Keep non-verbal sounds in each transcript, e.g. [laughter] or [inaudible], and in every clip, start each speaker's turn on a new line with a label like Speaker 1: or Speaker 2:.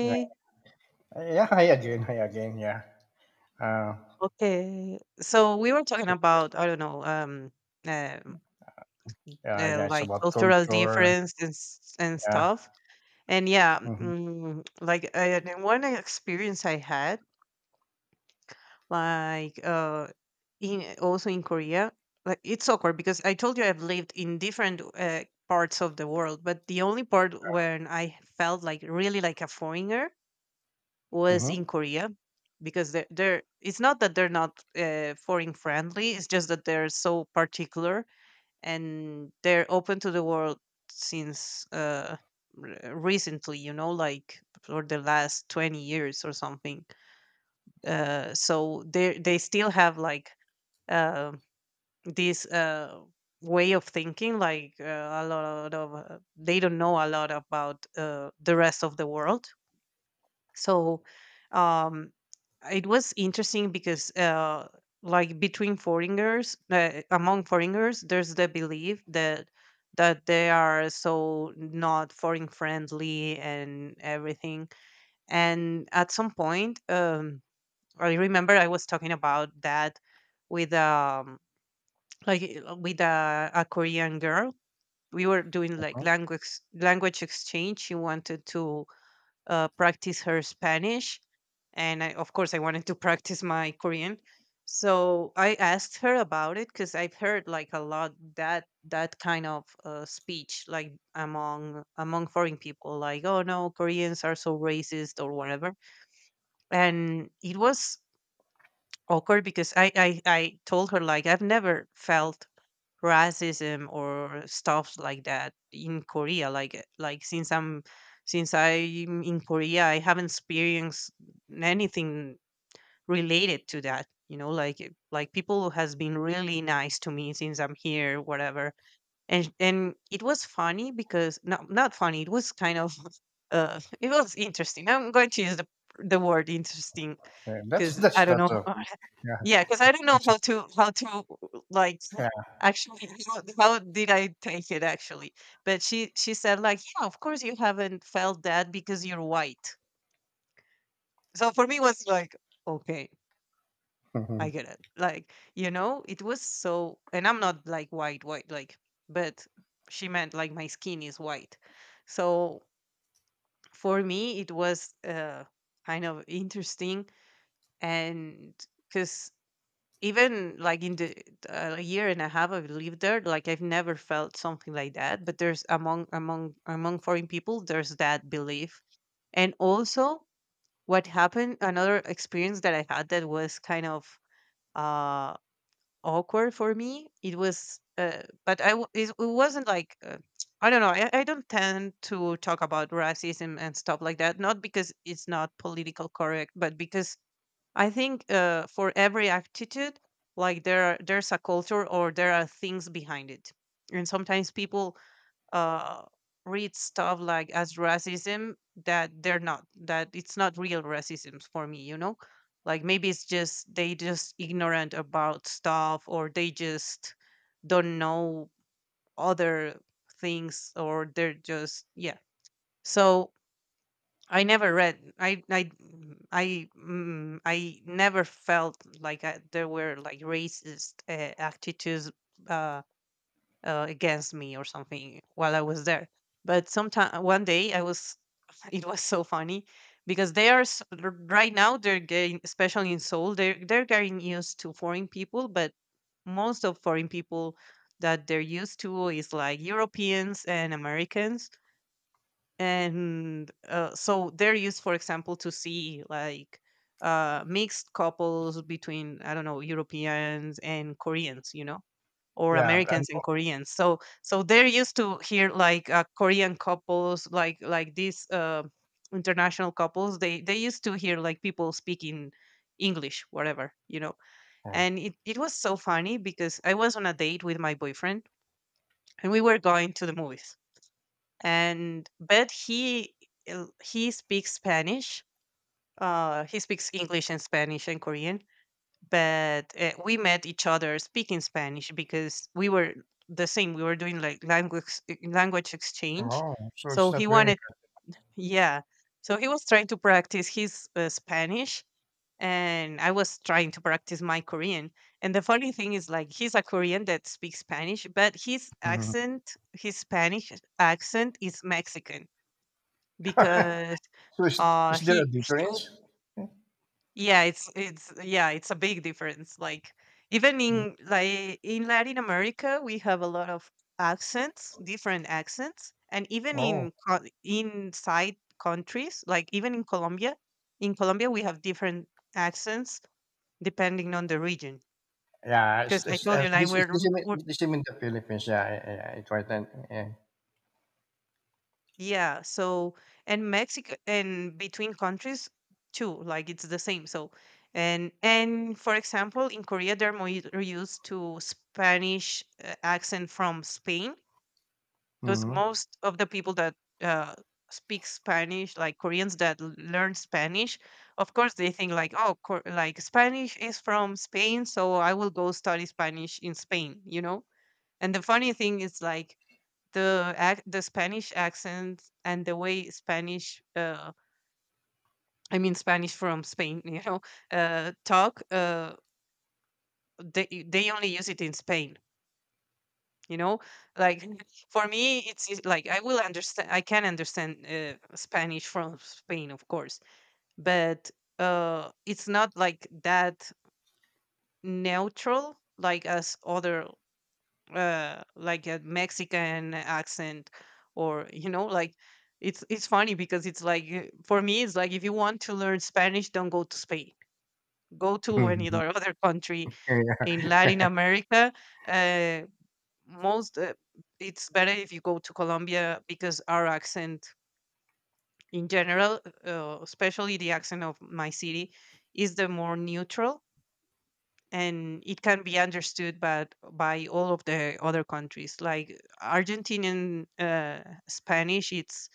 Speaker 1: Yeah, yeah. I again, I again. Yeah. Uh,
Speaker 2: Okay. So we were talking
Speaker 1: so,
Speaker 2: about, I don't know, um,
Speaker 1: yeah. It's
Speaker 2: like
Speaker 1: about
Speaker 2: cultural
Speaker 1: culture.
Speaker 2: difference and
Speaker 1: Yeah.
Speaker 2: stuff. And yeah,
Speaker 1: Mm-hmm.
Speaker 2: the one experience I had, like uh, in also in Korea, like it's awkward because I told you I've lived in different parts of the world, but the only part when I felt like really like a foreigner was in
Speaker 1: Mm-hmm.
Speaker 2: Korea because they're it's not that they're not foreign friendly. It's just that they're so particular, and they're open to the world since recently, like for the last 20 years or something. So they still have uh, this, way of thinking, a lot of, they don't know a lot about the rest of the world. So um it was interesting because like between foreigners, among foreigners, there's the belief that they are so not foreign friendly and everything. And at some point, I remember I was talking about that with, with a Korean girl. We were doing like
Speaker 1: Hmm.
Speaker 2: language exchange. She wanted to practice her Spanish, and I, of course, I wanted to [laughs] practice my Korean. So I asked her about it because I've heard like a lot that that kind of speech, like among foreign people, like, "Oh no, Koreans are so racist" or whatever. And it was awkward because I told her like I've never felt racism or stuff like that in Korea. Like since I'm in Korea, I haven't experienced anything related to that. You know, like like people has been really nice to me since I'm here, whatever. And it was funny because not funny. It was kind of [laughs] it was interesting. I'm going to use the word interesting
Speaker 1: Yeah, that's
Speaker 2: because
Speaker 1: that's
Speaker 2: I don't
Speaker 1: that's
Speaker 2: know.
Speaker 1: a yeah.
Speaker 2: Yeah, because I don't know
Speaker 1: it's-
Speaker 2: how to like,
Speaker 1: Yeah.
Speaker 2: actually, how did I take it, actually? But she said, like, "Yeah, of course you haven't felt that because you're white." So for me it was like, "Okay,
Speaker 1: Hmm.
Speaker 2: I get it." Like, you know, it was so, and I'm not like white white, like, but she meant like my skin is white. So for me it was kind of interesting. And because even like in the a year and a half I've lived there, like I've never felt something like that. But there's among foreign people, there's that belief. And also, what happened, another experience that I had that was kind of uh, awkward for me. It was, but it wasn't like, I don't know. I don't tend to talk about racism and stuff like that, not because it's not political correct, but because I think, for every attitude, like there's a culture, or there are things behind it, and sometimes people uh, read stuff like as racism, that they're not, that it's not real racism for me, you know. Like maybe it's just they just ignorant about stuff, or they just don't know other things, or they're just, yeah. So I never read. I never felt like, I, there were like racist attitudes uh, against me or something while I was there. But sometime, one day I was. [laughs] It was so funny because they are right now they're getting, especially in Seoul, they're getting used to foreign people, but most of foreign people that they're used to is like Europeans and Americans. And uh, so they're used, for example, to see like mixed couples between, I don't know, Europeans and Koreans, you know, or
Speaker 1: Yeah. And
Speaker 2: Americans and Koreans. So they're used to hear like Korean couples, like these international couples. They used to hear like people speaking English, whatever, you know.
Speaker 1: oh,
Speaker 2: And it was so funny because I was on a date with my boyfriend, and we were going to the movies. And but he uh, he speaks Spanish. He speaks English and Spanish and Korean. But we met each other speaking Spanish because we were the same. We were doing like language exchange.
Speaker 1: oh, so
Speaker 2: So
Speaker 1: it's
Speaker 2: he
Speaker 1: not very.
Speaker 2: wanted, yeah. So he was trying to practice his Spanish, and I was trying to practice my Korean. And the funny thing is, like, he's a Korean that speaks Spanish, but his
Speaker 1: Mhm.
Speaker 2: accent, his Spanish accent, is Mexican because
Speaker 1: [laughs] So is,
Speaker 2: uh
Speaker 1: is there a
Speaker 2: he, he w-
Speaker 1: difference?
Speaker 2: yeah, it's yeah, it's a big difference, like even
Speaker 1: Mm.
Speaker 2: in, like, in Latin America we have a lot of accents, different accents. And even
Speaker 1: Oh.
Speaker 2: in inside countries, like even in Colombia, in Colombia we have different accents depending on the region,
Speaker 1: Yeah,
Speaker 2: because I told you, like,
Speaker 1: this
Speaker 2: we're.
Speaker 1: is the same in the Philippines. Yeah, yeah, yeah, it's right. And, yeah.
Speaker 2: Yeah, so, and Mexico, and between countries too, like it's the same. So and for example, in Korea they're more used to Spanish accent from Spain, because
Speaker 1: Mm-hmm.
Speaker 2: most of the people that uh, speak Spanish, like Koreans that learn Spanish, of course they think like, oh, like Spanish is from Spain, so I will go study Spanish in Spain, you know. And the funny thing is like the Spanish accent and the way Spanish, I mean Spanish from Spain, [laughs] you know, talk. They only use it in Spain, you know. Like for me, it's like I will understand. I can understand Spanish from Spain, of course, but it's not like that neutral like as other, like a Mexican accent, or, you know, like, it's funny because it's like, for me, it's like, if you want to learn Spanish, don't go to Spain. Go to any other [laughs]
Speaker 1: [laughs]
Speaker 2: other country in
Speaker 1: Yeah. [laughs]
Speaker 2: Latin America. Uh, most It's better if you go to Colombia because our accent in general, especially the accent of my city, is the more neutral, and it can be understood by all of the other countries, like Argentinian, Spanish, it's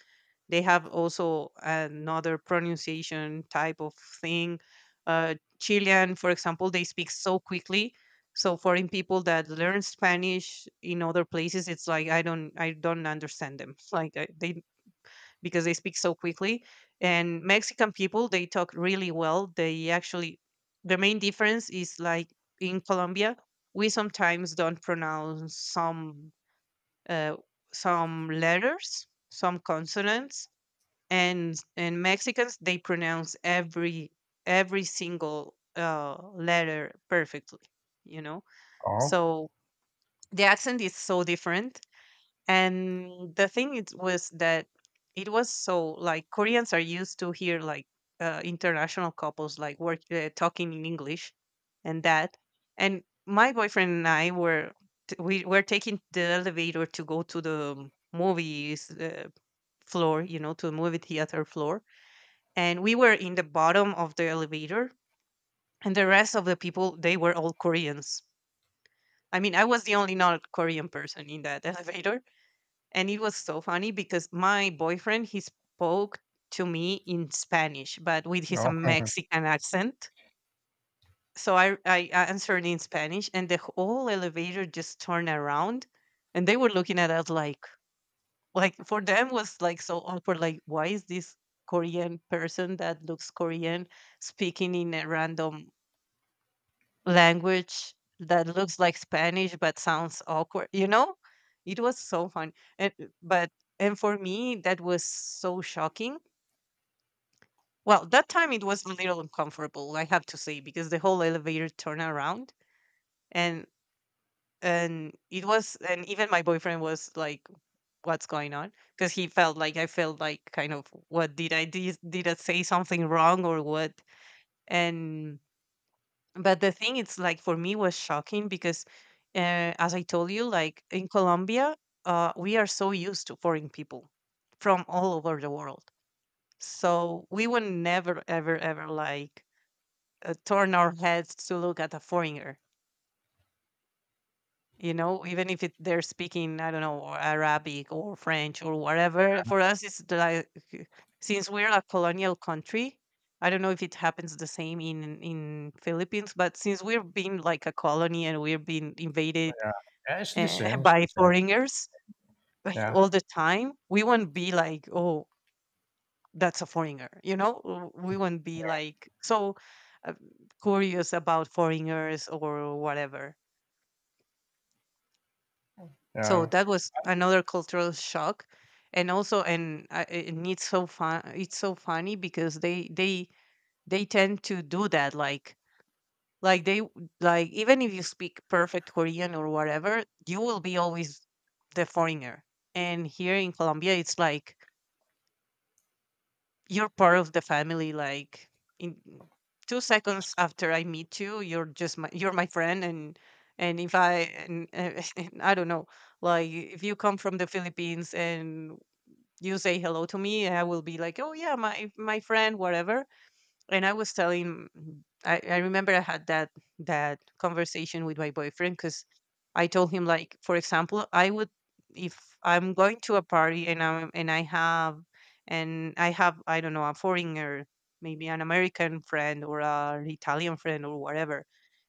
Speaker 2: they have also another pronunciation type of thing. uh, Chilean, for example, they speak so quickly. So foreign people that learn Spanish in other places, it's like, I don't understand them, [laughs] like, I, they, because they speak so quickly. And Mexican people, they talk really well. They actually, the main difference is like, in Colombia we sometimes don't pronounce some, uh, some letters, some consonants. And Mexicans, they pronounce every single letter perfectly, you know.
Speaker 1: Oh,
Speaker 2: So the accent is so different, and the thing it was that it was so, like, Koreans are used to hear like international couples like work talking in English. And that, and my boyfriend and I were, we were taking the elevator to go to the movies floor, you know, to the movie theater floor. And we were in the bottom of the elevator, and the rest of the people, they were all Koreans. I mean, I was the only not Korean person in that [laughs] elevator. And it was so funny because my boyfriend, he spoke to me in Spanish, but with his
Speaker 1: no.
Speaker 2: Mexican accent. So I answered in Spanish, and the whole elevator just turned around, and they were looking at us like for them was like so awkward. Like, why is this Korean person that looks Korean speaking in a random language that looks like Spanish but sounds awkward? You know, it was so fun. And uh, but and for me, that was so shocking. Well, that time it was a little uncomfortable, I have to say, because the whole elevator turned around, and and it was, and even my boyfriend was like, what's going on? Because he felt like, I felt like, kind of, what did I did I say something wrong or what, and but the thing it's like for me was shocking because, as I told you, like in Colombia, we are so used to foreign people from all over the world. So we would never ever ever, like, turn our heads to look at a foreigner. You know, even if it, they're speaking, I don't know, Arabic or French or whatever, for us, it's the, like, since we're a colonial country, I don't know if it happens the same in Philippines, but since we are being like a colony, and we're being invaded,
Speaker 1: Yeah. Yeah, it's the
Speaker 2: [laughs]
Speaker 1: same. It's
Speaker 2: by
Speaker 1: the same.
Speaker 2: foreigners, like,
Speaker 1: Yeah.
Speaker 2: all the time, we won't be like, oh, that's a foreigner, you know? We won't be
Speaker 1: Yeah.
Speaker 2: like so uh, curious about foreigners or whatever. So
Speaker 1: Um,
Speaker 2: that was another cultural shock. And it's so funny because they tend to do that, like like even if you speak perfect Korean or whatever, you will be always the foreigner. And here in Colombia, it's like you're part of the family, like in 2 seconds after I meet you, you're just my friend. And if I and, [laughs] And I don't know, like if you come from the Philippines and you say hello to me, I will be like, oh yeah, my friend, whatever. And I was telling, I remember I had that conversation with my boyfriend because I told him, like, for example, I would, if I'm going to a party, and I have I don't know, a foreigner, maybe an American friend or an Italian friend or whatever,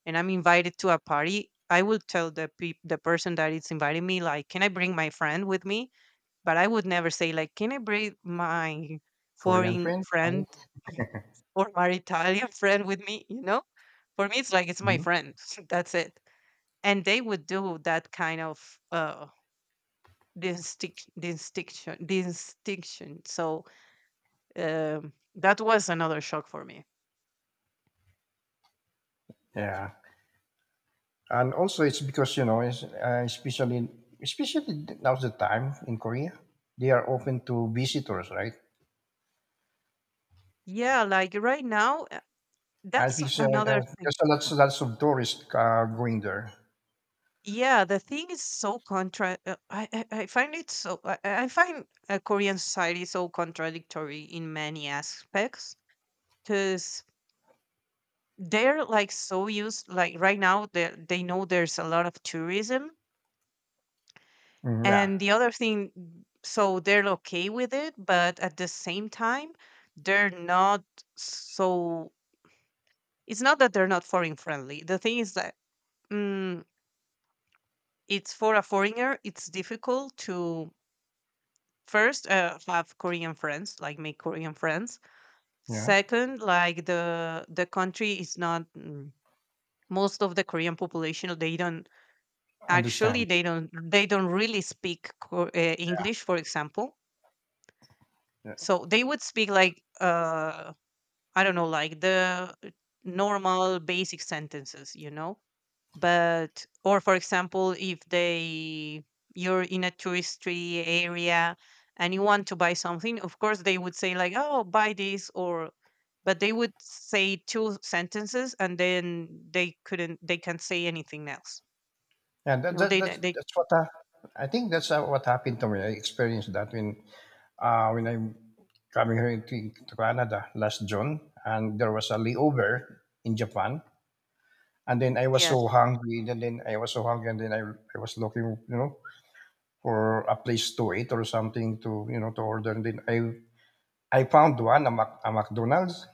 Speaker 2: and I'm invited to a party. I will tell the person that is inviting me, like, can I bring my friend with me? But I would never say, like, can I bring my
Speaker 1: Korean
Speaker 2: foreign
Speaker 1: friends. Only.
Speaker 2: friend or my Italian friend with me, you know? For me, it's like it's my
Speaker 1: Mhm.
Speaker 2: friend. [laughs] That's it. And they would do that kind of distinct, distinction, distinction. So that was another shock for me.
Speaker 1: Yeah. And also, it's because, especially now's the time in Korea, they are open to visitors, right?
Speaker 2: Yeah, like right now,
Speaker 1: And
Speaker 2: that's
Speaker 1: because
Speaker 2: another thing.
Speaker 1: there's a lots of tourists going there.
Speaker 2: Yeah, the thing is so contra. I find it so. I find Korean society so contradictory in many aspects. Because they're like so used, like right now they know there's a lot of tourism
Speaker 1: Mm, yeah.
Speaker 2: and the other thing, so they're okay with it, but at the same time, they're not. So it's not that they're not foreign friendly. The thing is that, mm, it's, for a foreigner it's difficult to, first, have Korean friends, like make Korean friends.
Speaker 1: Yeah.
Speaker 2: Second, like the country is not, most of the Korean population, they don't, actually
Speaker 1: Understand.
Speaker 2: they don't, they don't really speak English, for example.
Speaker 1: Yeah.
Speaker 2: So they would speak like, I don't know, like the normal basic sentences, you know. But or for example, if they, you're in a touristy area and you want to buy something, of course they would say like, oh, buy this. Or but they would say two sentences and then they can't say anything else,
Speaker 1: And
Speaker 2: you
Speaker 1: that,
Speaker 2: know.
Speaker 1: that,
Speaker 2: They
Speaker 1: that's
Speaker 2: don't- they
Speaker 1: that's what. I think that's what happened to me. I experienced that when I'm coming here to Canada last June, and there was a layover in Japan. And then I was
Speaker 2: Yes.
Speaker 1: so hungry, and then I was so hungry, and then I was looking, you know, for a place to eat or something to order. And then I found a McDonald's,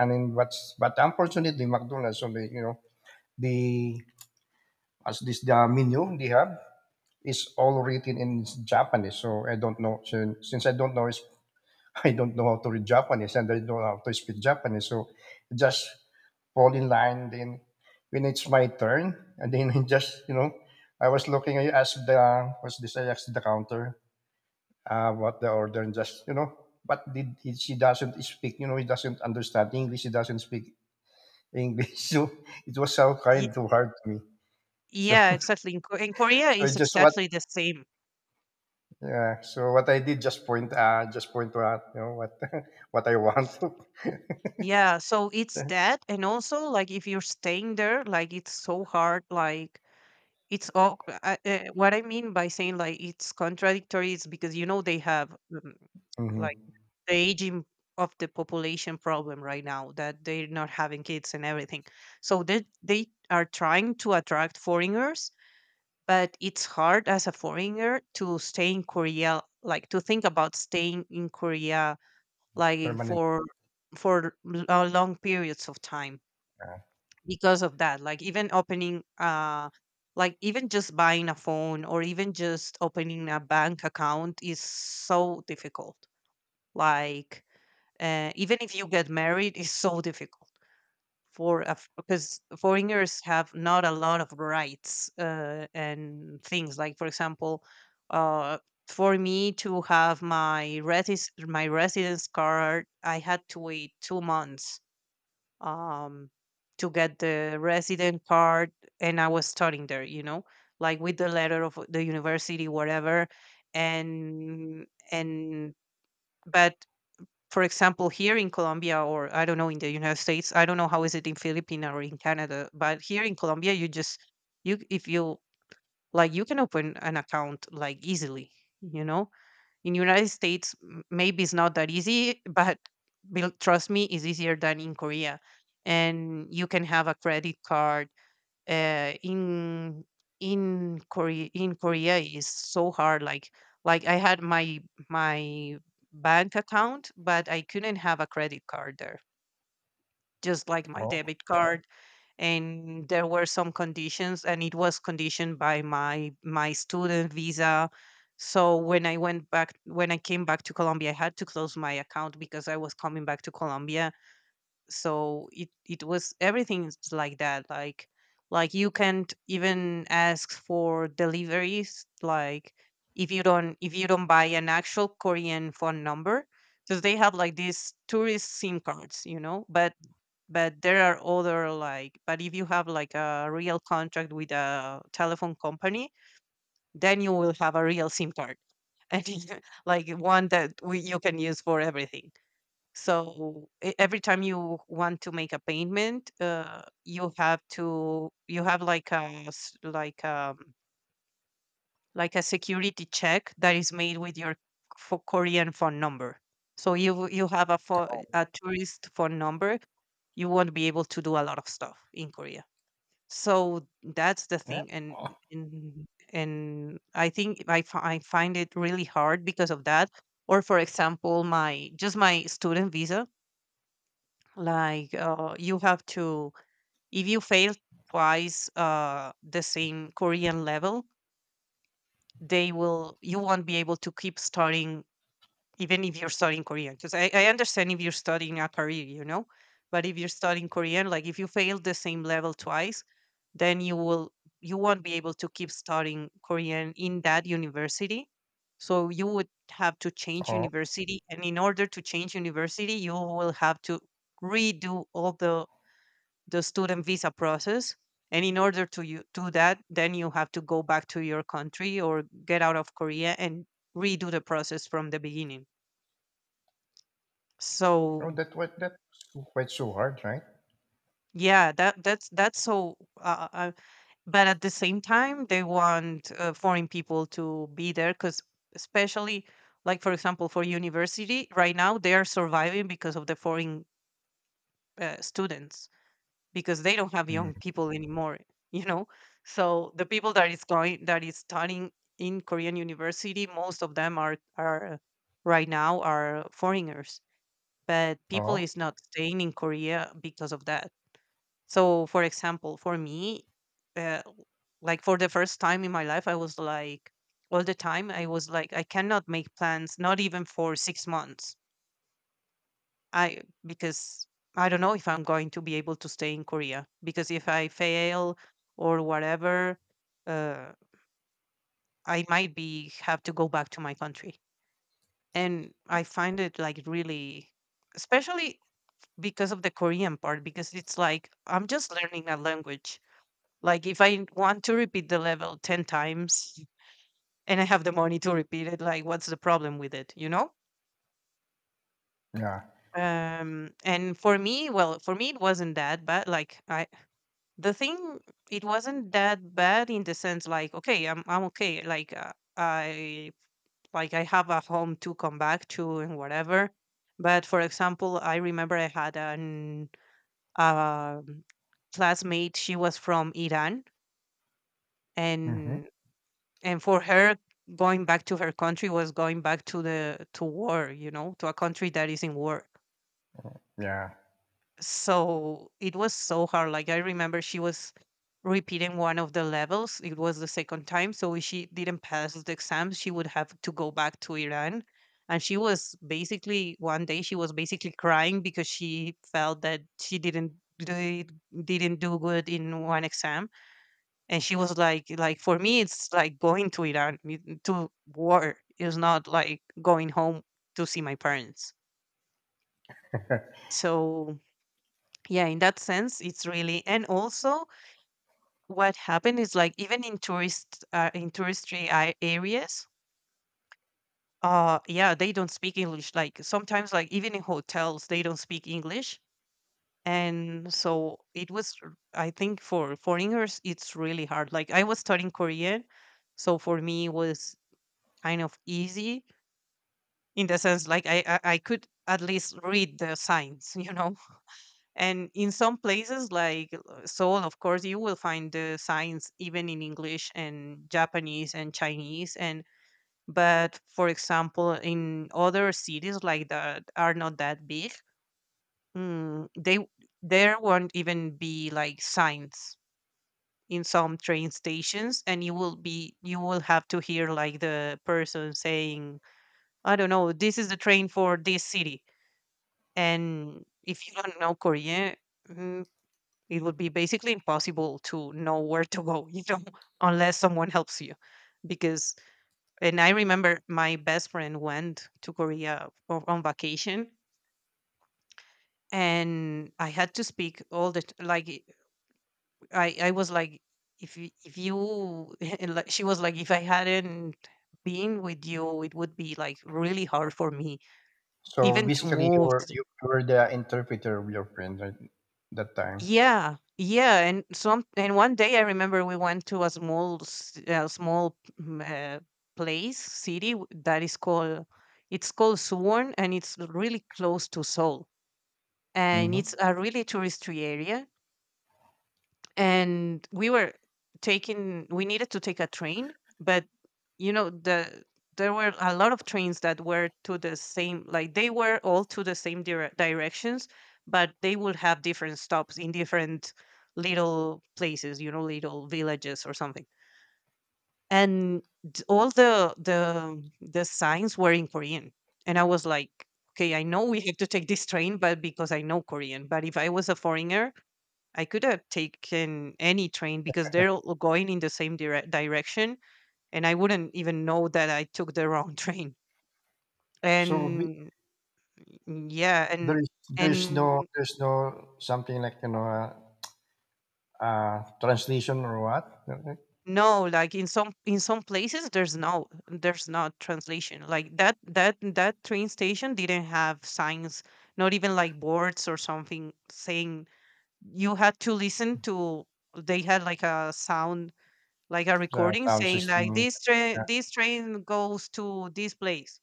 Speaker 1: and then but unfortunately McDonald's only, the as this the menu they have is all written in Japanese, so I don't know. Since I don't know [laughs] I don't know how to read Japanese and I don't know how to speak Japanese. So just fall in line. Then when it's my turn, and then [laughs] I I was looking, I asked the, what's this, I asked the counter what the order and but she doesn't speak, he doesn't understand English. He doesn't speak English. [laughs] So it was so kind too hard to me. So,
Speaker 2: Yeah,
Speaker 1: [laughs]
Speaker 2: exactly. In, in Korea,
Speaker 1: so I
Speaker 2: it's
Speaker 1: just what,
Speaker 2: exactly the same.
Speaker 1: yeah. So what I did, just point to out, what, [laughs] what I want to.
Speaker 2: Yeah, so it's
Speaker 1: [laughs]
Speaker 2: that, and also, like if you're staying there, like it's so hard. Like it's all, what I mean by saying like it's contradictory is because, you know, they have,
Speaker 1: Mhm.
Speaker 2: like the aging of the population problem right now that they're not having kids and everything. So they are trying to attract foreigners, but it's hard as a foreigner to stay in Korea, like to think about staying in Korea, like
Speaker 1: Permanent.
Speaker 2: for, for long periods of time, because of that. Like even opening, like even just buying a phone or even just opening a bank account is so difficult. Like, even if you get married is so difficult for a, because foreigners have not a lot of rights, and things, like for example, uh, for me to have my residence card, I had to wait 2 months, um, to get the resident card. And I was studying there, you know, like with the letter of the university, whatever. And and but for example, here in Colombia, or I don't know, in the United States, I don't know how is it in Philippines or in Canada, but here in Colombia, you just, you if you like, you can open an account like easily, you know. In United States, maybe it's not that easy, but trust me, it's easier than in Korea. And you can have a credit card, uh, in in Korea. In Korea is so hard. Like I had my bank account, but I couldn't have a credit card there. Just like my
Speaker 1: Oh,
Speaker 2: debit. Yeah. Card, and there were some conditions, and it was conditioned by my student visa. So when I went back, when I came back to Colombia, I had to close my account because I was coming back to Colombia. So it was everything's like that. Like you can't even ask for deliveries. Like if you don't buy an actual Korean phone number, because they have like these tourist SIM cards, you know, but there are other, like, but if you have like a real contract with a telephone company, then you will have a real SIM card. [laughs] And like one that you can use for everything. So every time you want to make a payment, you have to, you have like a like a security check that is made with your, for Korean phone number. So you have a phone, a tourist phone number, you won't be able to do a lot of stuff in Korea. So that's the
Speaker 1: yeah.
Speaker 2: thing,
Speaker 1: Oh,
Speaker 2: and, and I think I find it really hard because of that. Or for example, my just my student visa, like, you have to, if you fail twice the same Korean level, you won't be able to keep studying, even if you're studying Korean. Because I understand if you're studying a career, you know, but if you're studying Korean, like if you fail the same level twice, then you won't be able to keep studying Korean in that university. So you would have to change
Speaker 1: oh.
Speaker 2: university. And in order to change university, you will have to redo all the student visa process. And in order to you, do that, then you have to go back to your country or get out of Korea and redo the process from the beginning.
Speaker 1: Oh,
Speaker 2: So
Speaker 1: that was quite so hard, right?
Speaker 2: yeah, that's that's so. But at the same time, they want foreign people to be there because, especially, like for example, for university right now, they are surviving because of the foreign students. Because they don't have
Speaker 1: Mm.
Speaker 2: young people anymore, you know. So the people that is going, that is studying in Korean university, most of them are right now are foreigners. But people
Speaker 1: Oh.
Speaker 2: is not staying in Korea because of that. So for example, for me, uh, like for the first time in my life, I was like, all the time I was like, I cannot make plans, not even for 6 months. I, because I don't know if I'm going to be able to stay in Korea, because if I fail or whatever, uh, I might be have to go back to my country. And I find it like really, especially because of the Korean part, because it's like I'm just learning a language. Like if I want to repeat the level 10 times and I have the money to repeat it, like what's the problem with it, you know?
Speaker 1: Yeah.
Speaker 2: And for me, well, for me, it wasn't that bad. Like i the thing it wasn't that bad in the sense like, okay, I'm okay, like, I have a home to come back to and whatever. But for example, I remember I had an, um classmate, she was from Iran.
Speaker 1: Mm-hmm.
Speaker 2: And and for her, going back to her country was going back to the, to war, you know, to a country that is in war.
Speaker 1: Yeah.
Speaker 2: So it was so hard. Like I remember she was repeating one of the levels, it was the second time, so if she didn't pass the exam, she would have to go back to Iran. And she was basically one day, she was basically crying because she felt that she didn't do it, didn't do good in one exam. And she was like, for me it's like going to Iran, to war, it's not like going home to see my parents. So yeah, in that sense, it's really. And also what happened is, like, even in tourist, in touristy areas, yeah, they don't speak English. Like sometimes, like even in hotels they don't speak English. And so it was I think for foreigners it's really hard. Like I was studying Korean, so for me it was kind of easy, in the sense like I could at least read the signs [laughs] you know. And in some places, like, Seoul, of course you will find the signs even in English and Japanese and Chinese and, but for example in other cities, like that are not that big, they there won't even be like signs in some train stations, and you will be, you will have to hear like the person saying, I don't know, this is the train for this city. And if you don't know Korean, mm, it would be basically impossible to know where to go, you know. [laughs] Unless someone helps you. Because and I remember my best friend went to Korea on vacation, and I had to speak all the. Like, I was like, if you [laughs] and like, she was like, if I hadn't been with you, it would be like really hard for me
Speaker 1: So
Speaker 2: even to
Speaker 1: basically,
Speaker 2: move.
Speaker 1: you were the interpreter of your friend, right, that time.
Speaker 2: Yeah, yeah, and one day I remember we went to a small small, uh, place, city, that is called, it's called Suwon, and it's really close to Seoul, and it's
Speaker 1: Mm-hmm.
Speaker 2: a really touristy area. And we were taking we needed to take a train, but you know, there were a lot of trains that were to the same, like they were all to the same directions, but they would have different stops in different little places, you know, little villages or something. And all the signs were in Korean, and I was like, okay, I know we have to take this train, but because I know Korean, but if I was a foreigner, I could have taken any train because they're all going in the same direction, and I wouldn't even know that I took the wrong [laughs] train.
Speaker 1: So be-
Speaker 2: And yeah,
Speaker 1: there
Speaker 2: and
Speaker 1: is there's no
Speaker 2: and
Speaker 1: something like, translation or what. Okay.
Speaker 2: no, like in some, in some places there's no, there's not translation. Like, that train station didn't have signs, not even like boards or something saying, you had to listen to. They had like a sound, like a
Speaker 1: The
Speaker 2: recording
Speaker 1: sound
Speaker 2: saying like,
Speaker 1: system.
Speaker 2: this
Speaker 1: Yeah.
Speaker 2: train, this train goes to this place.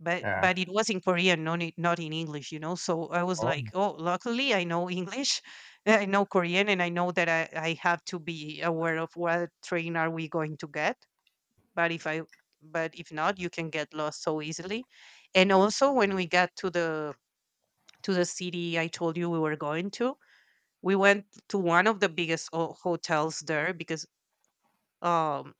Speaker 2: but
Speaker 1: Yeah.
Speaker 2: but it was in Korean, not in, not in English, you know. So I was
Speaker 1: Oh,
Speaker 2: like, oh, luckily I know English [laughs] I know Korean, and I know that I have to be aware of what train are we going to get. but if i but if not, you can get lost so easily. And also when we got to the, to the city I told you we were going to, we went to one of the biggest hotels there, because um,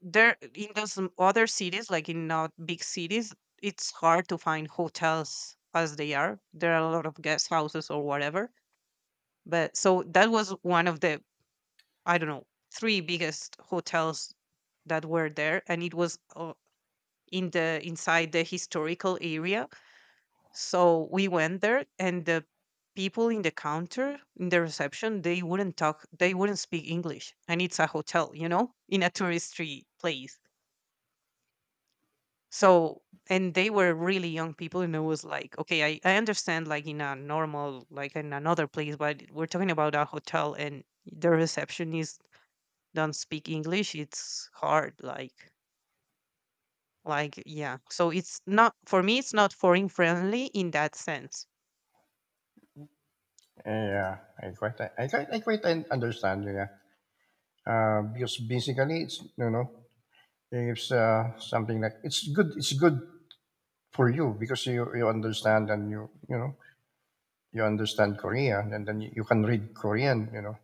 Speaker 2: there in those other cities, like in not big cities, it's hard to find hotels as they are, there are a lot of guest houses or whatever. But so that was one of the, I don't know, three biggest hotels that were there. And it was in the, inside the historical area. So we went there, and the people in the counter, in the reception, they wouldn't talk, they wouldn't speak English. And it's a hotel, you know, in a touristy place. So, and they were really young people, and it was like, okay, I understand like in a normal, like in another place, but we're talking about a hotel, and the receptionist don't speak English. It's hard, like, yeah, so it's not, for me it's not foreign friendly in that sense.
Speaker 1: yeah. I quite understand you. Yeah. Because basically it's you know It's something like it's good. It's good for you because you understand and you understand Korean and then you can read Korean.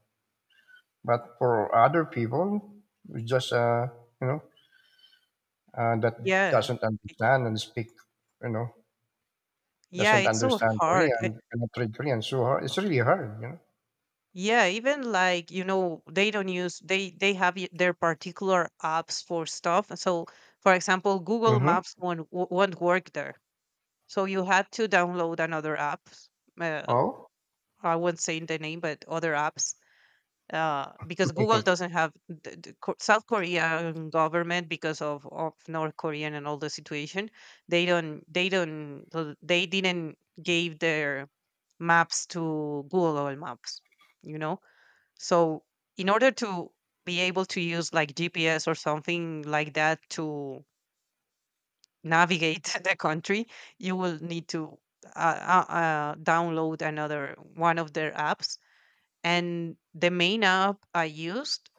Speaker 1: But for other people, it's just you know that
Speaker 2: Yeah,
Speaker 1: doesn't
Speaker 2: it-
Speaker 1: understand and speak, you know
Speaker 2: yeah,
Speaker 1: doesn't
Speaker 2: it's so
Speaker 1: understand
Speaker 2: hard.
Speaker 1: Korean, cannot read Korean. So hard. It's really hard. You know.
Speaker 2: Yeah, even like, you know, they don't use, they have their particular apps for stuff. So for example, Google
Speaker 1: Mm-hmm.
Speaker 2: Maps won't work there. So you had to download another app. Uh,
Speaker 1: Oh.
Speaker 2: I won't say the name, but other apps. Because Google
Speaker 1: [laughs]
Speaker 2: doesn't have the South Korean government, because of North Korean and all the situation, they don't, they didn't give their maps to Google Maps, you know. So in order to be able to use like GPS or something like that to navigate [laughs] the country, you will need to download another one of their apps. And the main app I used,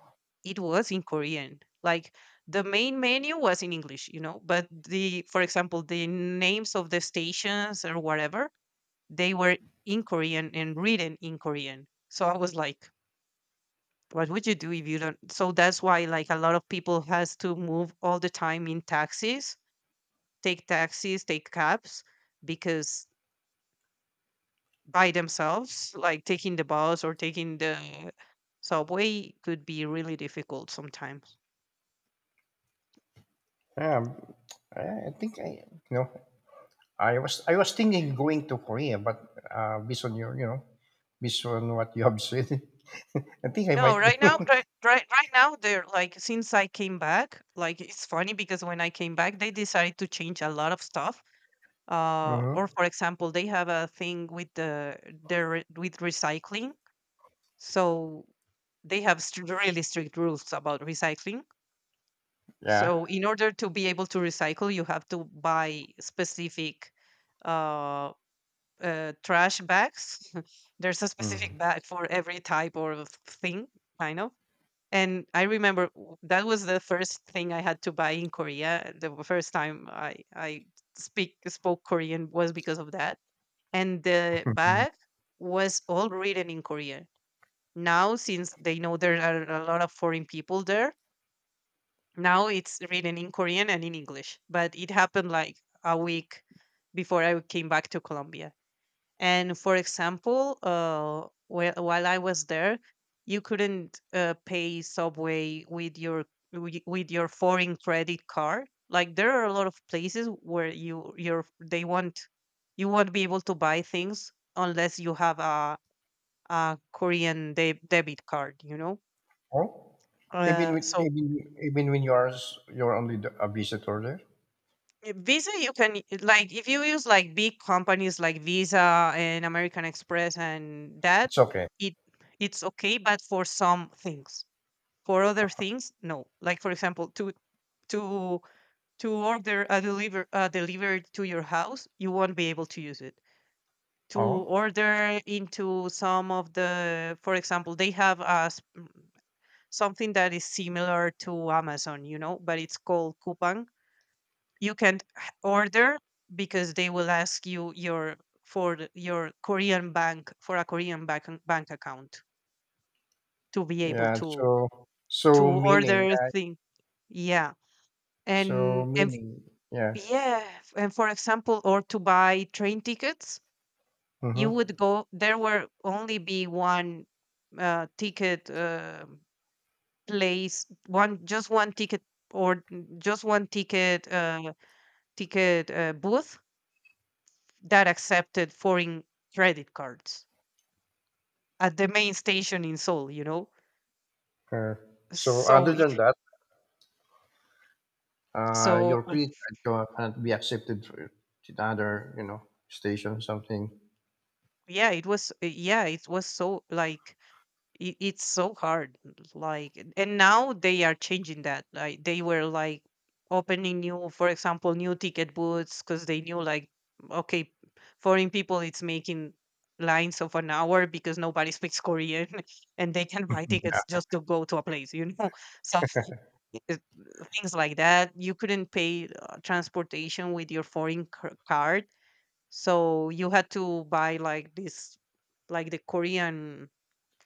Speaker 2: it was in Korean. Like the main menu was in English, you know, but the, for example, the names of the stations or whatever, they were in Korean and written in Korean. So I was like, what would you do if you don't? So that's why like a lot of people has to move all the time in taxis, take taxis, take cabs, because by themselves, like taking the bus or taking the subway could be really difficult sometimes.
Speaker 1: Yeah. I think I you know I was thinking going to Korea, but based on your, based on what you have said, [laughs] I think I
Speaker 2: No,
Speaker 1: might.
Speaker 2: right now, right, right, right now, they're like, since I came back, like it's funny, because when I came back, they decided to change a lot of stuff.
Speaker 1: [laughs]
Speaker 2: Or
Speaker 1: Hmm.
Speaker 2: for example, they have a thing with the, with recycling. So they have str really strict rules about recycling.
Speaker 1: Yeah.
Speaker 2: So in order to be able to recycle, you have to buy specific uh, trash bags. [laughs] There's a specific bag for every type of thing, kind of. And I remember that was the first thing I had to buy in Korea. The first time I speak spoke Korean was because of that. And the
Speaker 1: Mm-hmm.
Speaker 2: bag was all written in Korean. Now, since they know there are a lot of foreign people there, now it's written in Korean and in English, but it happened like a week before I came back to Colombia. And for example, while I was there, you couldn't pay Subway with your with your foreign credit card. Like, there are a lot of places where you your they want, you won't be able to buy things unless you have a Korean debit card. You know,
Speaker 1: [laughs] Oh, even with
Speaker 2: so,
Speaker 1: even even when you're only a visitor there,
Speaker 2: eh, Visa, you can like if you use like big companies like Visa and American Express and that,
Speaker 1: it's okay.
Speaker 2: it it's okay, but for some things. For other things, no. Like for example, to to order a delivered to your house, you won't be able to use it. To
Speaker 1: Oh,
Speaker 2: order into some of the, for example, they have a, something that is similar to Amazon, you know, but it's called coupon. You can't h- order, because they will ask you your, your Korean bank, for a Korean bank account to be able
Speaker 1: yeah.
Speaker 2: to
Speaker 1: So
Speaker 2: to
Speaker 1: so
Speaker 2: order thing. Yeah, and and
Speaker 1: meaning, yeah.
Speaker 2: yeah, and for example, or to buy train tickets, you
Speaker 1: Mm-hmm.
Speaker 2: would go. There were only be one ticket place, one just one ticket, just one ticket, booth that accepted foreign credit cards at the main station in Seoul, you know.
Speaker 1: Uh, so
Speaker 2: So
Speaker 1: other than that,
Speaker 2: so,
Speaker 1: your creed cannot be accepted to the other, station, something.
Speaker 2: yeah, it was, yeah, it was so like, it's so hard, like. And now they are changing that. Like they were like opening new, for example, new ticket booths, cuz they knew like, okay, foreign people, it's making lines of an hour because nobody speaks Korean, [laughs] and they can buy
Speaker 1: [laughs]
Speaker 2: tickets just to go to a place, you know. [laughs] So it- things like that. You couldn't pay transportation with your foreign card. So you had to buy like this, like the Korean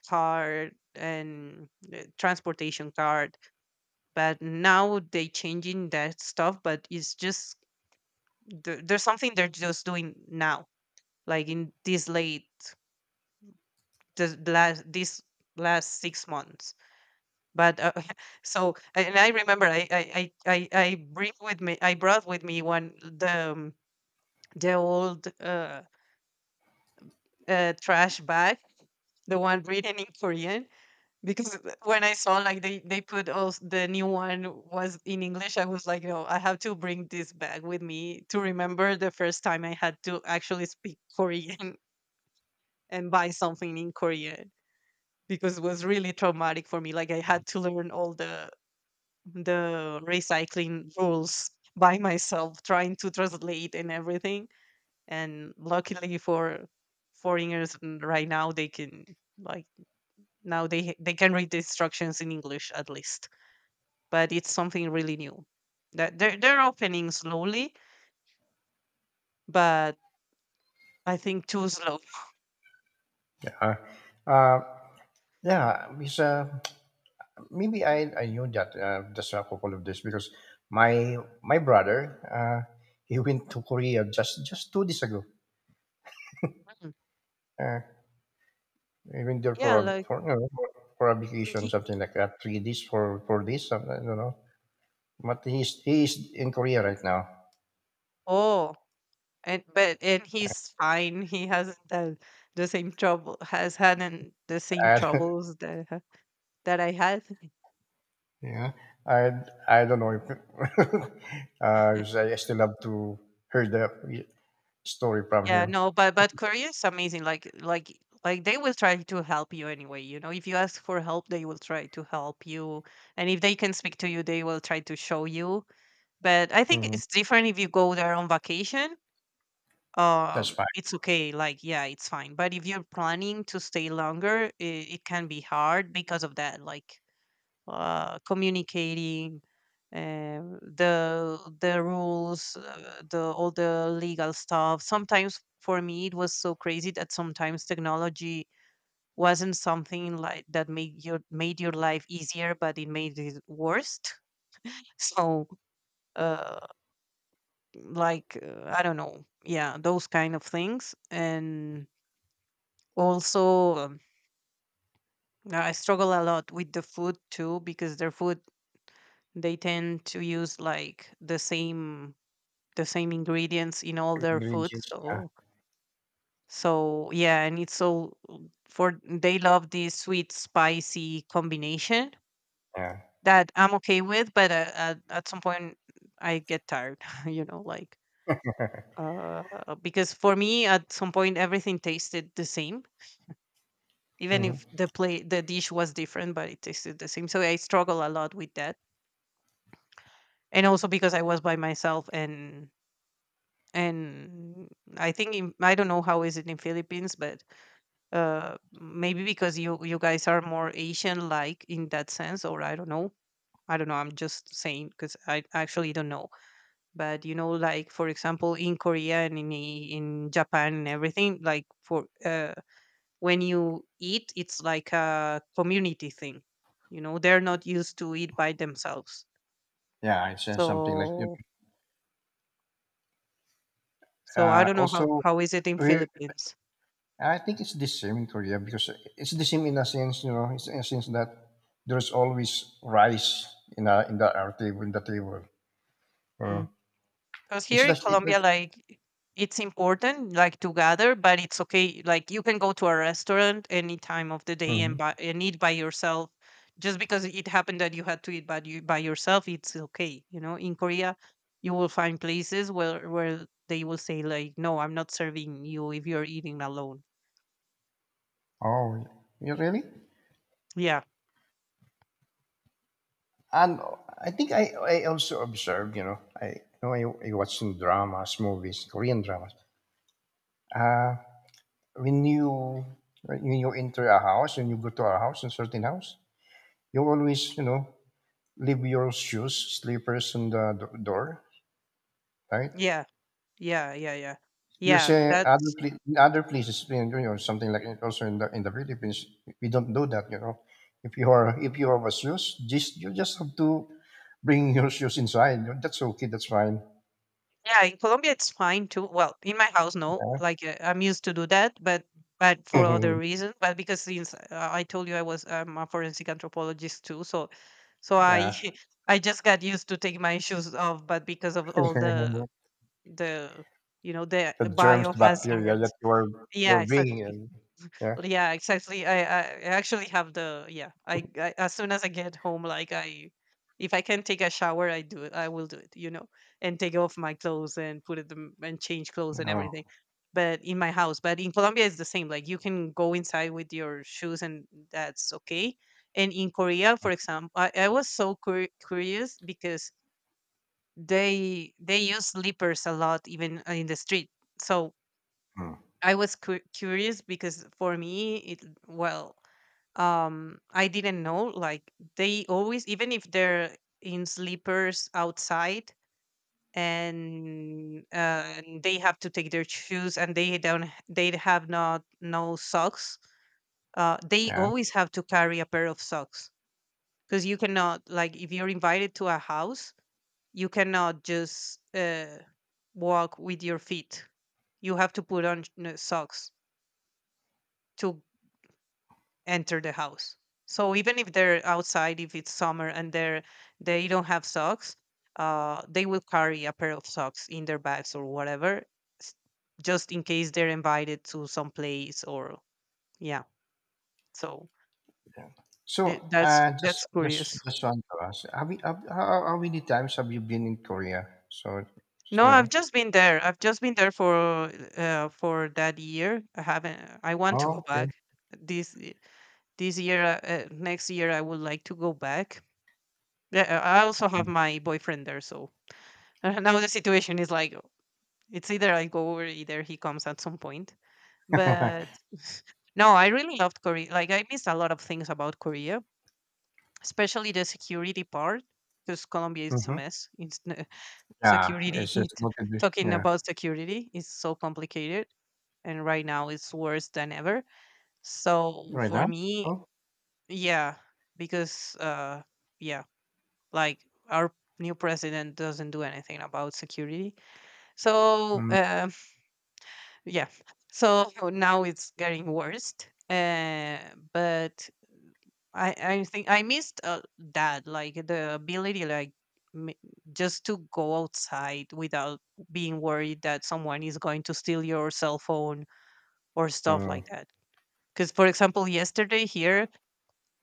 Speaker 2: card and transportation card. But now they changing that stuff, but it's just, there, there's something they're just doing now, like in this late, this last, this last 6 months. But [laughs] so, and I remember I bring with me I brought with me one, the old trash bag, the one written in Korean, because [laughs] when I saw like they put also the new one, was in English, I was like, no, I have to bring this bag with me to remember the first time I had to actually speak Korean [laughs] and buy something in Korean, because it was really traumatic for me. Like, I had to learn all the recycling rules [laughs] by myself trying to translate and everything. And luckily for foreigners, right now they can, like, now they can read the instructions in English, at least. But it's something really new that they're opening slowly, but I think too slow.
Speaker 1: Uh, uh, yeah, because maybe I knew that, just a couple of days because my my brother he went to Korea just 2 days ago.
Speaker 2: Mm.
Speaker 1: Uh, he went there for
Speaker 2: Yeah,
Speaker 1: a
Speaker 2: like
Speaker 1: for, you know, for a vacation,
Speaker 2: he-
Speaker 1: something like that, 3 days for this, something, I don't know. But he's in Korea right now,
Speaker 2: oh, and he's fine, he hasn't had the same trouble, has had and the same
Speaker 1: and [laughs]
Speaker 2: troubles that I had.
Speaker 1: yeah, I I don't know if [laughs] uh, I still have to hear the story from
Speaker 2: Yeah,
Speaker 1: him.
Speaker 2: no, but Korea is amazing. Like they will try to help you anyway. You know, if you ask for help, they will try to help you, and if they can speak to you, they will try to show you. But I think
Speaker 1: Mhm.
Speaker 2: it's different if you go there on vacation.
Speaker 1: That's fine.
Speaker 2: It's okay. Like, yeah, it's fine. But if you're planning to stay longer, it can be hard because of that. Like, communicating, the rules, the all the legal stuff. Sometimes for me it was so crazy that sometimes technology wasn't something like that made your, made your life easier, but it made it worse. [laughs] So, uh, like, I don't know, yeah, those kind of things. And also, I struggle a lot with the food too, because their food, they tend to use like the same, the same ingredients in all their food.
Speaker 1: Ingredients, yeah.
Speaker 2: So yeah, and it's all for they love this sweet spicy combination
Speaker 1: Yeah.
Speaker 2: that I'm okay with, but at some point I get tired, [laughs] like uh because for me at some point everything tasted the same, even
Speaker 1: Mhm.
Speaker 2: if the dish was different, but it tasted the same. So I struggle a lot with that. And also because I was by myself. And I think I don't know how is it in Philippines, but maybe because you guys are more Asian like in that sense, or I don't know. I'm just saying because I actually don't know. But like, for example, in Korea and in Japan and everything, like for when you eat, it's like a community thing. They're not used to eat by themselves.
Speaker 1: Yeah, I sense something like,
Speaker 2: so so I don't know how
Speaker 1: also,
Speaker 2: how is it in
Speaker 1: we,
Speaker 2: Philippines.
Speaker 1: I think it's the same in Korea because it's the same in a sense, it's in a sense that there's always rice in a, in the our table in the table. Uh,
Speaker 2: Because
Speaker 1: it's
Speaker 2: here in
Speaker 1: just it
Speaker 2: Colombia,
Speaker 1: just,
Speaker 2: like, it's important like to gather, but it's okay. Like, you can go to a restaurant any time of the day and
Speaker 1: Mhm.
Speaker 2: buy and eat by yourself. Just because it happened that you had to eat by yourself, it's okay. You know, in Korea, you will find places where they will say like, "No, I'm not serving you if you're eating alone."
Speaker 1: Oh, yeah. You really?
Speaker 2: Yeah,
Speaker 1: And I think I also observed, I you know I watch some dramas, movies, Korean dramas. Uh, when you when you enter a house, when you go to a house, a certain house, you always, leave your shoes, slippers on the door, right?
Speaker 2: yeah, yeah, yeah, yeah,
Speaker 1: You
Speaker 2: yeah.
Speaker 1: say
Speaker 2: That's.
Speaker 1: in other places, something like it also in the Philippines, we don't do that. If you are if you have a shoes, just you just have to bring [laughs] your shoes inside. That's okay. That's fine.
Speaker 2: Yeah, in Colombia it's fine too. Well, in my house, no. Like I'm used to do that, but for
Speaker 1: Yeah,
Speaker 2: other
Speaker 1: [laughs]
Speaker 2: reasons. But because since I told you I'm a forensic anthropologist too, so so I
Speaker 1: yeah.
Speaker 2: [laughs] I just got used to take my shoes off. But because of all
Speaker 1: [laughs]
Speaker 2: the the
Speaker 1: The germs, the bacteria that
Speaker 2: biohazards. Yeah,
Speaker 1: you're bringing
Speaker 2: exactly.
Speaker 1: in. Yeah.
Speaker 2: Yeah, exactly. I I actually have the. Yeah, I as soon as I get home, like I, if I can take a shower, I do it, I will do it, and take off my clothes and put it them and change clothes and everything.
Speaker 1: Oh.
Speaker 2: But in my house, but in Colombia, it's the same. Like, you can go inside with your shoes, and that's okay. And in Korea, for example, I was so curious because they use slippers a lot, even in the street. So
Speaker 1: Mm.
Speaker 2: I was curious because for me it. Well, I didn't know. Like, they always, even if they're in sleepers outside, and they have to take their shoes and they don't, they have not no socks. They
Speaker 1: Yeah.
Speaker 2: always have to carry a pair of socks, because you cannot, like, if you're invited to a house, you cannot just walk with your feet. You have to put on socks to enter the house. So even if they're outside, if it's summer and they're, they don't have socks, they will carry a pair of socks in their bags or whatever, s- just in case they're invited to some place, or yeah. So
Speaker 1: Yeah. So,
Speaker 2: that's curious.
Speaker 1: just want to ask, how many times have you been in Korea? So, just
Speaker 2: No,
Speaker 1: you
Speaker 2: I've
Speaker 1: know.
Speaker 2: just been there. I've just been there for that year. I haven't. I want to
Speaker 1: Oh,
Speaker 2: go
Speaker 1: okay.
Speaker 2: back this y- this year. Next year, I would like to go back. Yeah, I also have my boyfriend there, so [laughs] and now the situation is like it's either I go or either he comes at some point.
Speaker 1: Mm-hmm.
Speaker 2: But [laughs] no, I really loved Korea. Like, I missed a lot of things about Korea, especially the security part, because Colombia is a
Speaker 1: [laughs]
Speaker 2: mess. [laughs]
Speaker 1: Yeah,
Speaker 2: Security.
Speaker 1: it's just not a
Speaker 2: [laughs] Talking
Speaker 1: yeah.
Speaker 2: about security is so complicated, and right now it's worse than ever. So
Speaker 1: Right
Speaker 2: for
Speaker 1: now?
Speaker 2: me,
Speaker 1: Oh.
Speaker 2: yeah, because yeah, like, our new president doesn't do anything about security. So.
Speaker 1: Mm,
Speaker 2: Yeah. So now it's getting worse. Uh, but I think I missed that, like the ability, like m- just to go outside without being worried that someone is going to steal your cell phone or stuff
Speaker 1: mm.
Speaker 2: like that. Because, for example, yesterday here,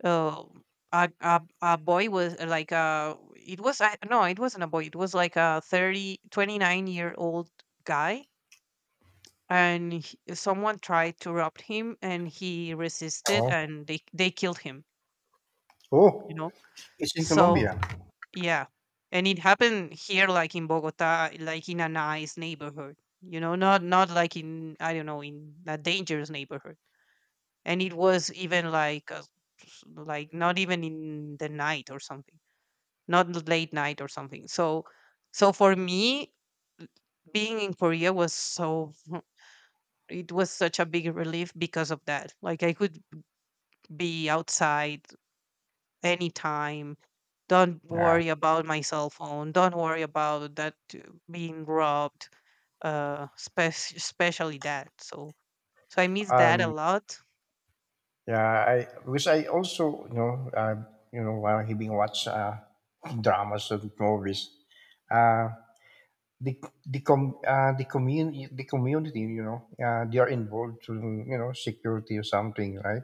Speaker 2: uh, a boy was like, it was, I, no, it wasn't a boy. It was like a 30, 29 year old guy, and someone tried to rob him, and he resisted,
Speaker 1: Oh.
Speaker 2: and they killed him. You
Speaker 1: Oh,
Speaker 2: know,
Speaker 1: it's in
Speaker 2: so
Speaker 1: Colombia.
Speaker 2: yeah. And it happened here, like in Bogota, like in a nice neighborhood, you know, not like in, I don't know, in a dangerous neighborhood. And it was even like like not even in the night or something, not late night or something. So so for me, being in Korea was so it was such a big relief because of that. Like, I could be outside anytime. Don't
Speaker 1: Yeah.
Speaker 2: worry about my cell phone. Don't worry about that, being robbed. Especially that. So so I miss that a
Speaker 1: Um.
Speaker 2: lot.
Speaker 1: Yeah. I because I also, while having watched, dramas and movies. Uh, the the community, they are involved to, security or something, right?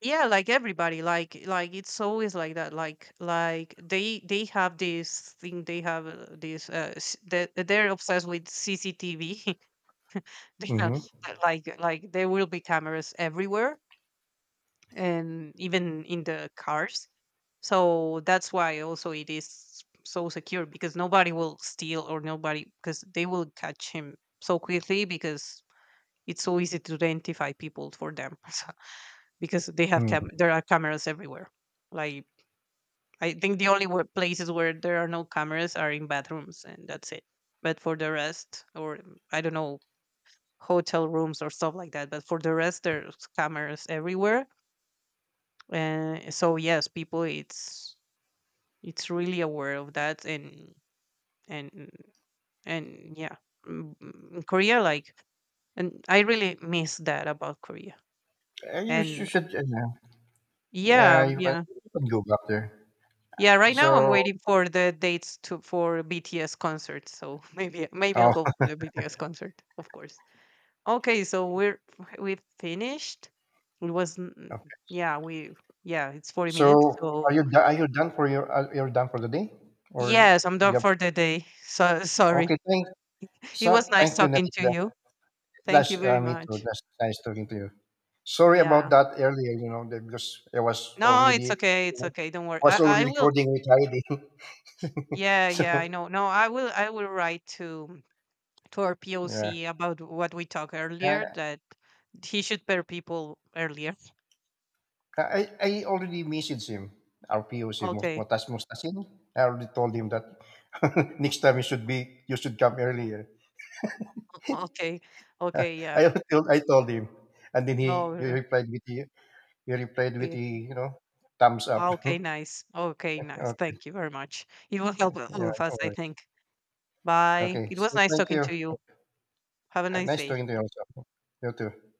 Speaker 2: Yeah, like, everybody, like, it's always like that. Like, they have this thing. They have this. They're obsessed with CCTV. [laughs] They are,
Speaker 1: Mm-hmm.
Speaker 2: like there will be cameras everywhere, and even in the cars. So that's why also it is so secure, because nobody will steal, or nobody, because they will catch him so quickly, because it's so easy to identify people for them. [laughs] Because they have
Speaker 1: Hmm.
Speaker 2: there are cameras everywhere. Like, I think the only places where there are no cameras are in bathrooms, and that's it. But for the rest, or I don't know, hotel rooms or stuff like that. But for the rest, there's cameras everywhere. And so yes, people, it's really aware of that, and and yeah, Korea, like, and I really miss that about Korea.
Speaker 1: You
Speaker 2: And
Speaker 1: should, yeah.
Speaker 2: yeah,
Speaker 1: Yeah, you can,
Speaker 2: yeah,
Speaker 1: go back there.
Speaker 2: yeah, right now I'm
Speaker 1: So,
Speaker 2: waiting for the dates to for BTS concerts, so [laughs] maybe, maybe I'll
Speaker 1: oh,
Speaker 2: go for the BTS concert, of course. Okay, so we finished. it was
Speaker 1: [laughs]
Speaker 2: n-
Speaker 1: okay,
Speaker 2: yeah, we, yeah, it's 40
Speaker 1: so
Speaker 2: minutes, so
Speaker 1: are you done for your you're done for the day, or
Speaker 2: yes, I'm done
Speaker 1: yep.
Speaker 2: for the day, so sorry.
Speaker 1: Okay,
Speaker 2: [laughs] It
Speaker 1: so
Speaker 2: was
Speaker 1: thank
Speaker 2: nice
Speaker 1: you,
Speaker 2: talking to
Speaker 1: Nalita.
Speaker 2: you. Thank
Speaker 1: That's
Speaker 2: you very
Speaker 1: me too.
Speaker 2: much.
Speaker 1: That's nice talking to you. Sorry
Speaker 2: We
Speaker 1: about
Speaker 2: are
Speaker 1: that earlier, that because I was
Speaker 2: No,
Speaker 1: already,
Speaker 2: it's okay.
Speaker 1: you
Speaker 2: It's
Speaker 1: know,
Speaker 2: okay. Don't worry. I, I will.
Speaker 1: recording with Heidi.
Speaker 2: Yeah,
Speaker 1: [laughs] So,
Speaker 2: yeah, I know. No, I will. I will write to our
Speaker 1: yeah,
Speaker 2: POC about what we talked
Speaker 1: I,
Speaker 2: earlier, that he should pair people earlier.
Speaker 1: I already messaged him. Our RPO si
Speaker 2: Okay.
Speaker 1: Mutas Mustasin. I already told him that [laughs] next time you should come earlier.
Speaker 2: Okay. Okay. Yeah.
Speaker 1: I [laughs] told I told him, and then
Speaker 2: Oh.
Speaker 1: he replied with the he replied with
Speaker 2: Yeah.
Speaker 1: the, you know thumbs up.
Speaker 2: Okay.
Speaker 1: [laughs]
Speaker 2: Nice. Okay. Nice.
Speaker 1: Okay,
Speaker 2: Thank you very much. It will help
Speaker 1: yeah,
Speaker 2: all of us,
Speaker 1: no
Speaker 2: I
Speaker 1: worries.
Speaker 2: think. Bye.
Speaker 1: Okay,
Speaker 2: It was
Speaker 1: so
Speaker 2: nice
Speaker 1: thank
Speaker 2: talking
Speaker 1: you.
Speaker 2: to you. Have a
Speaker 1: ね、ナ
Speaker 2: nice
Speaker 1: イストー
Speaker 2: day.
Speaker 1: インだよ、さあ、You too.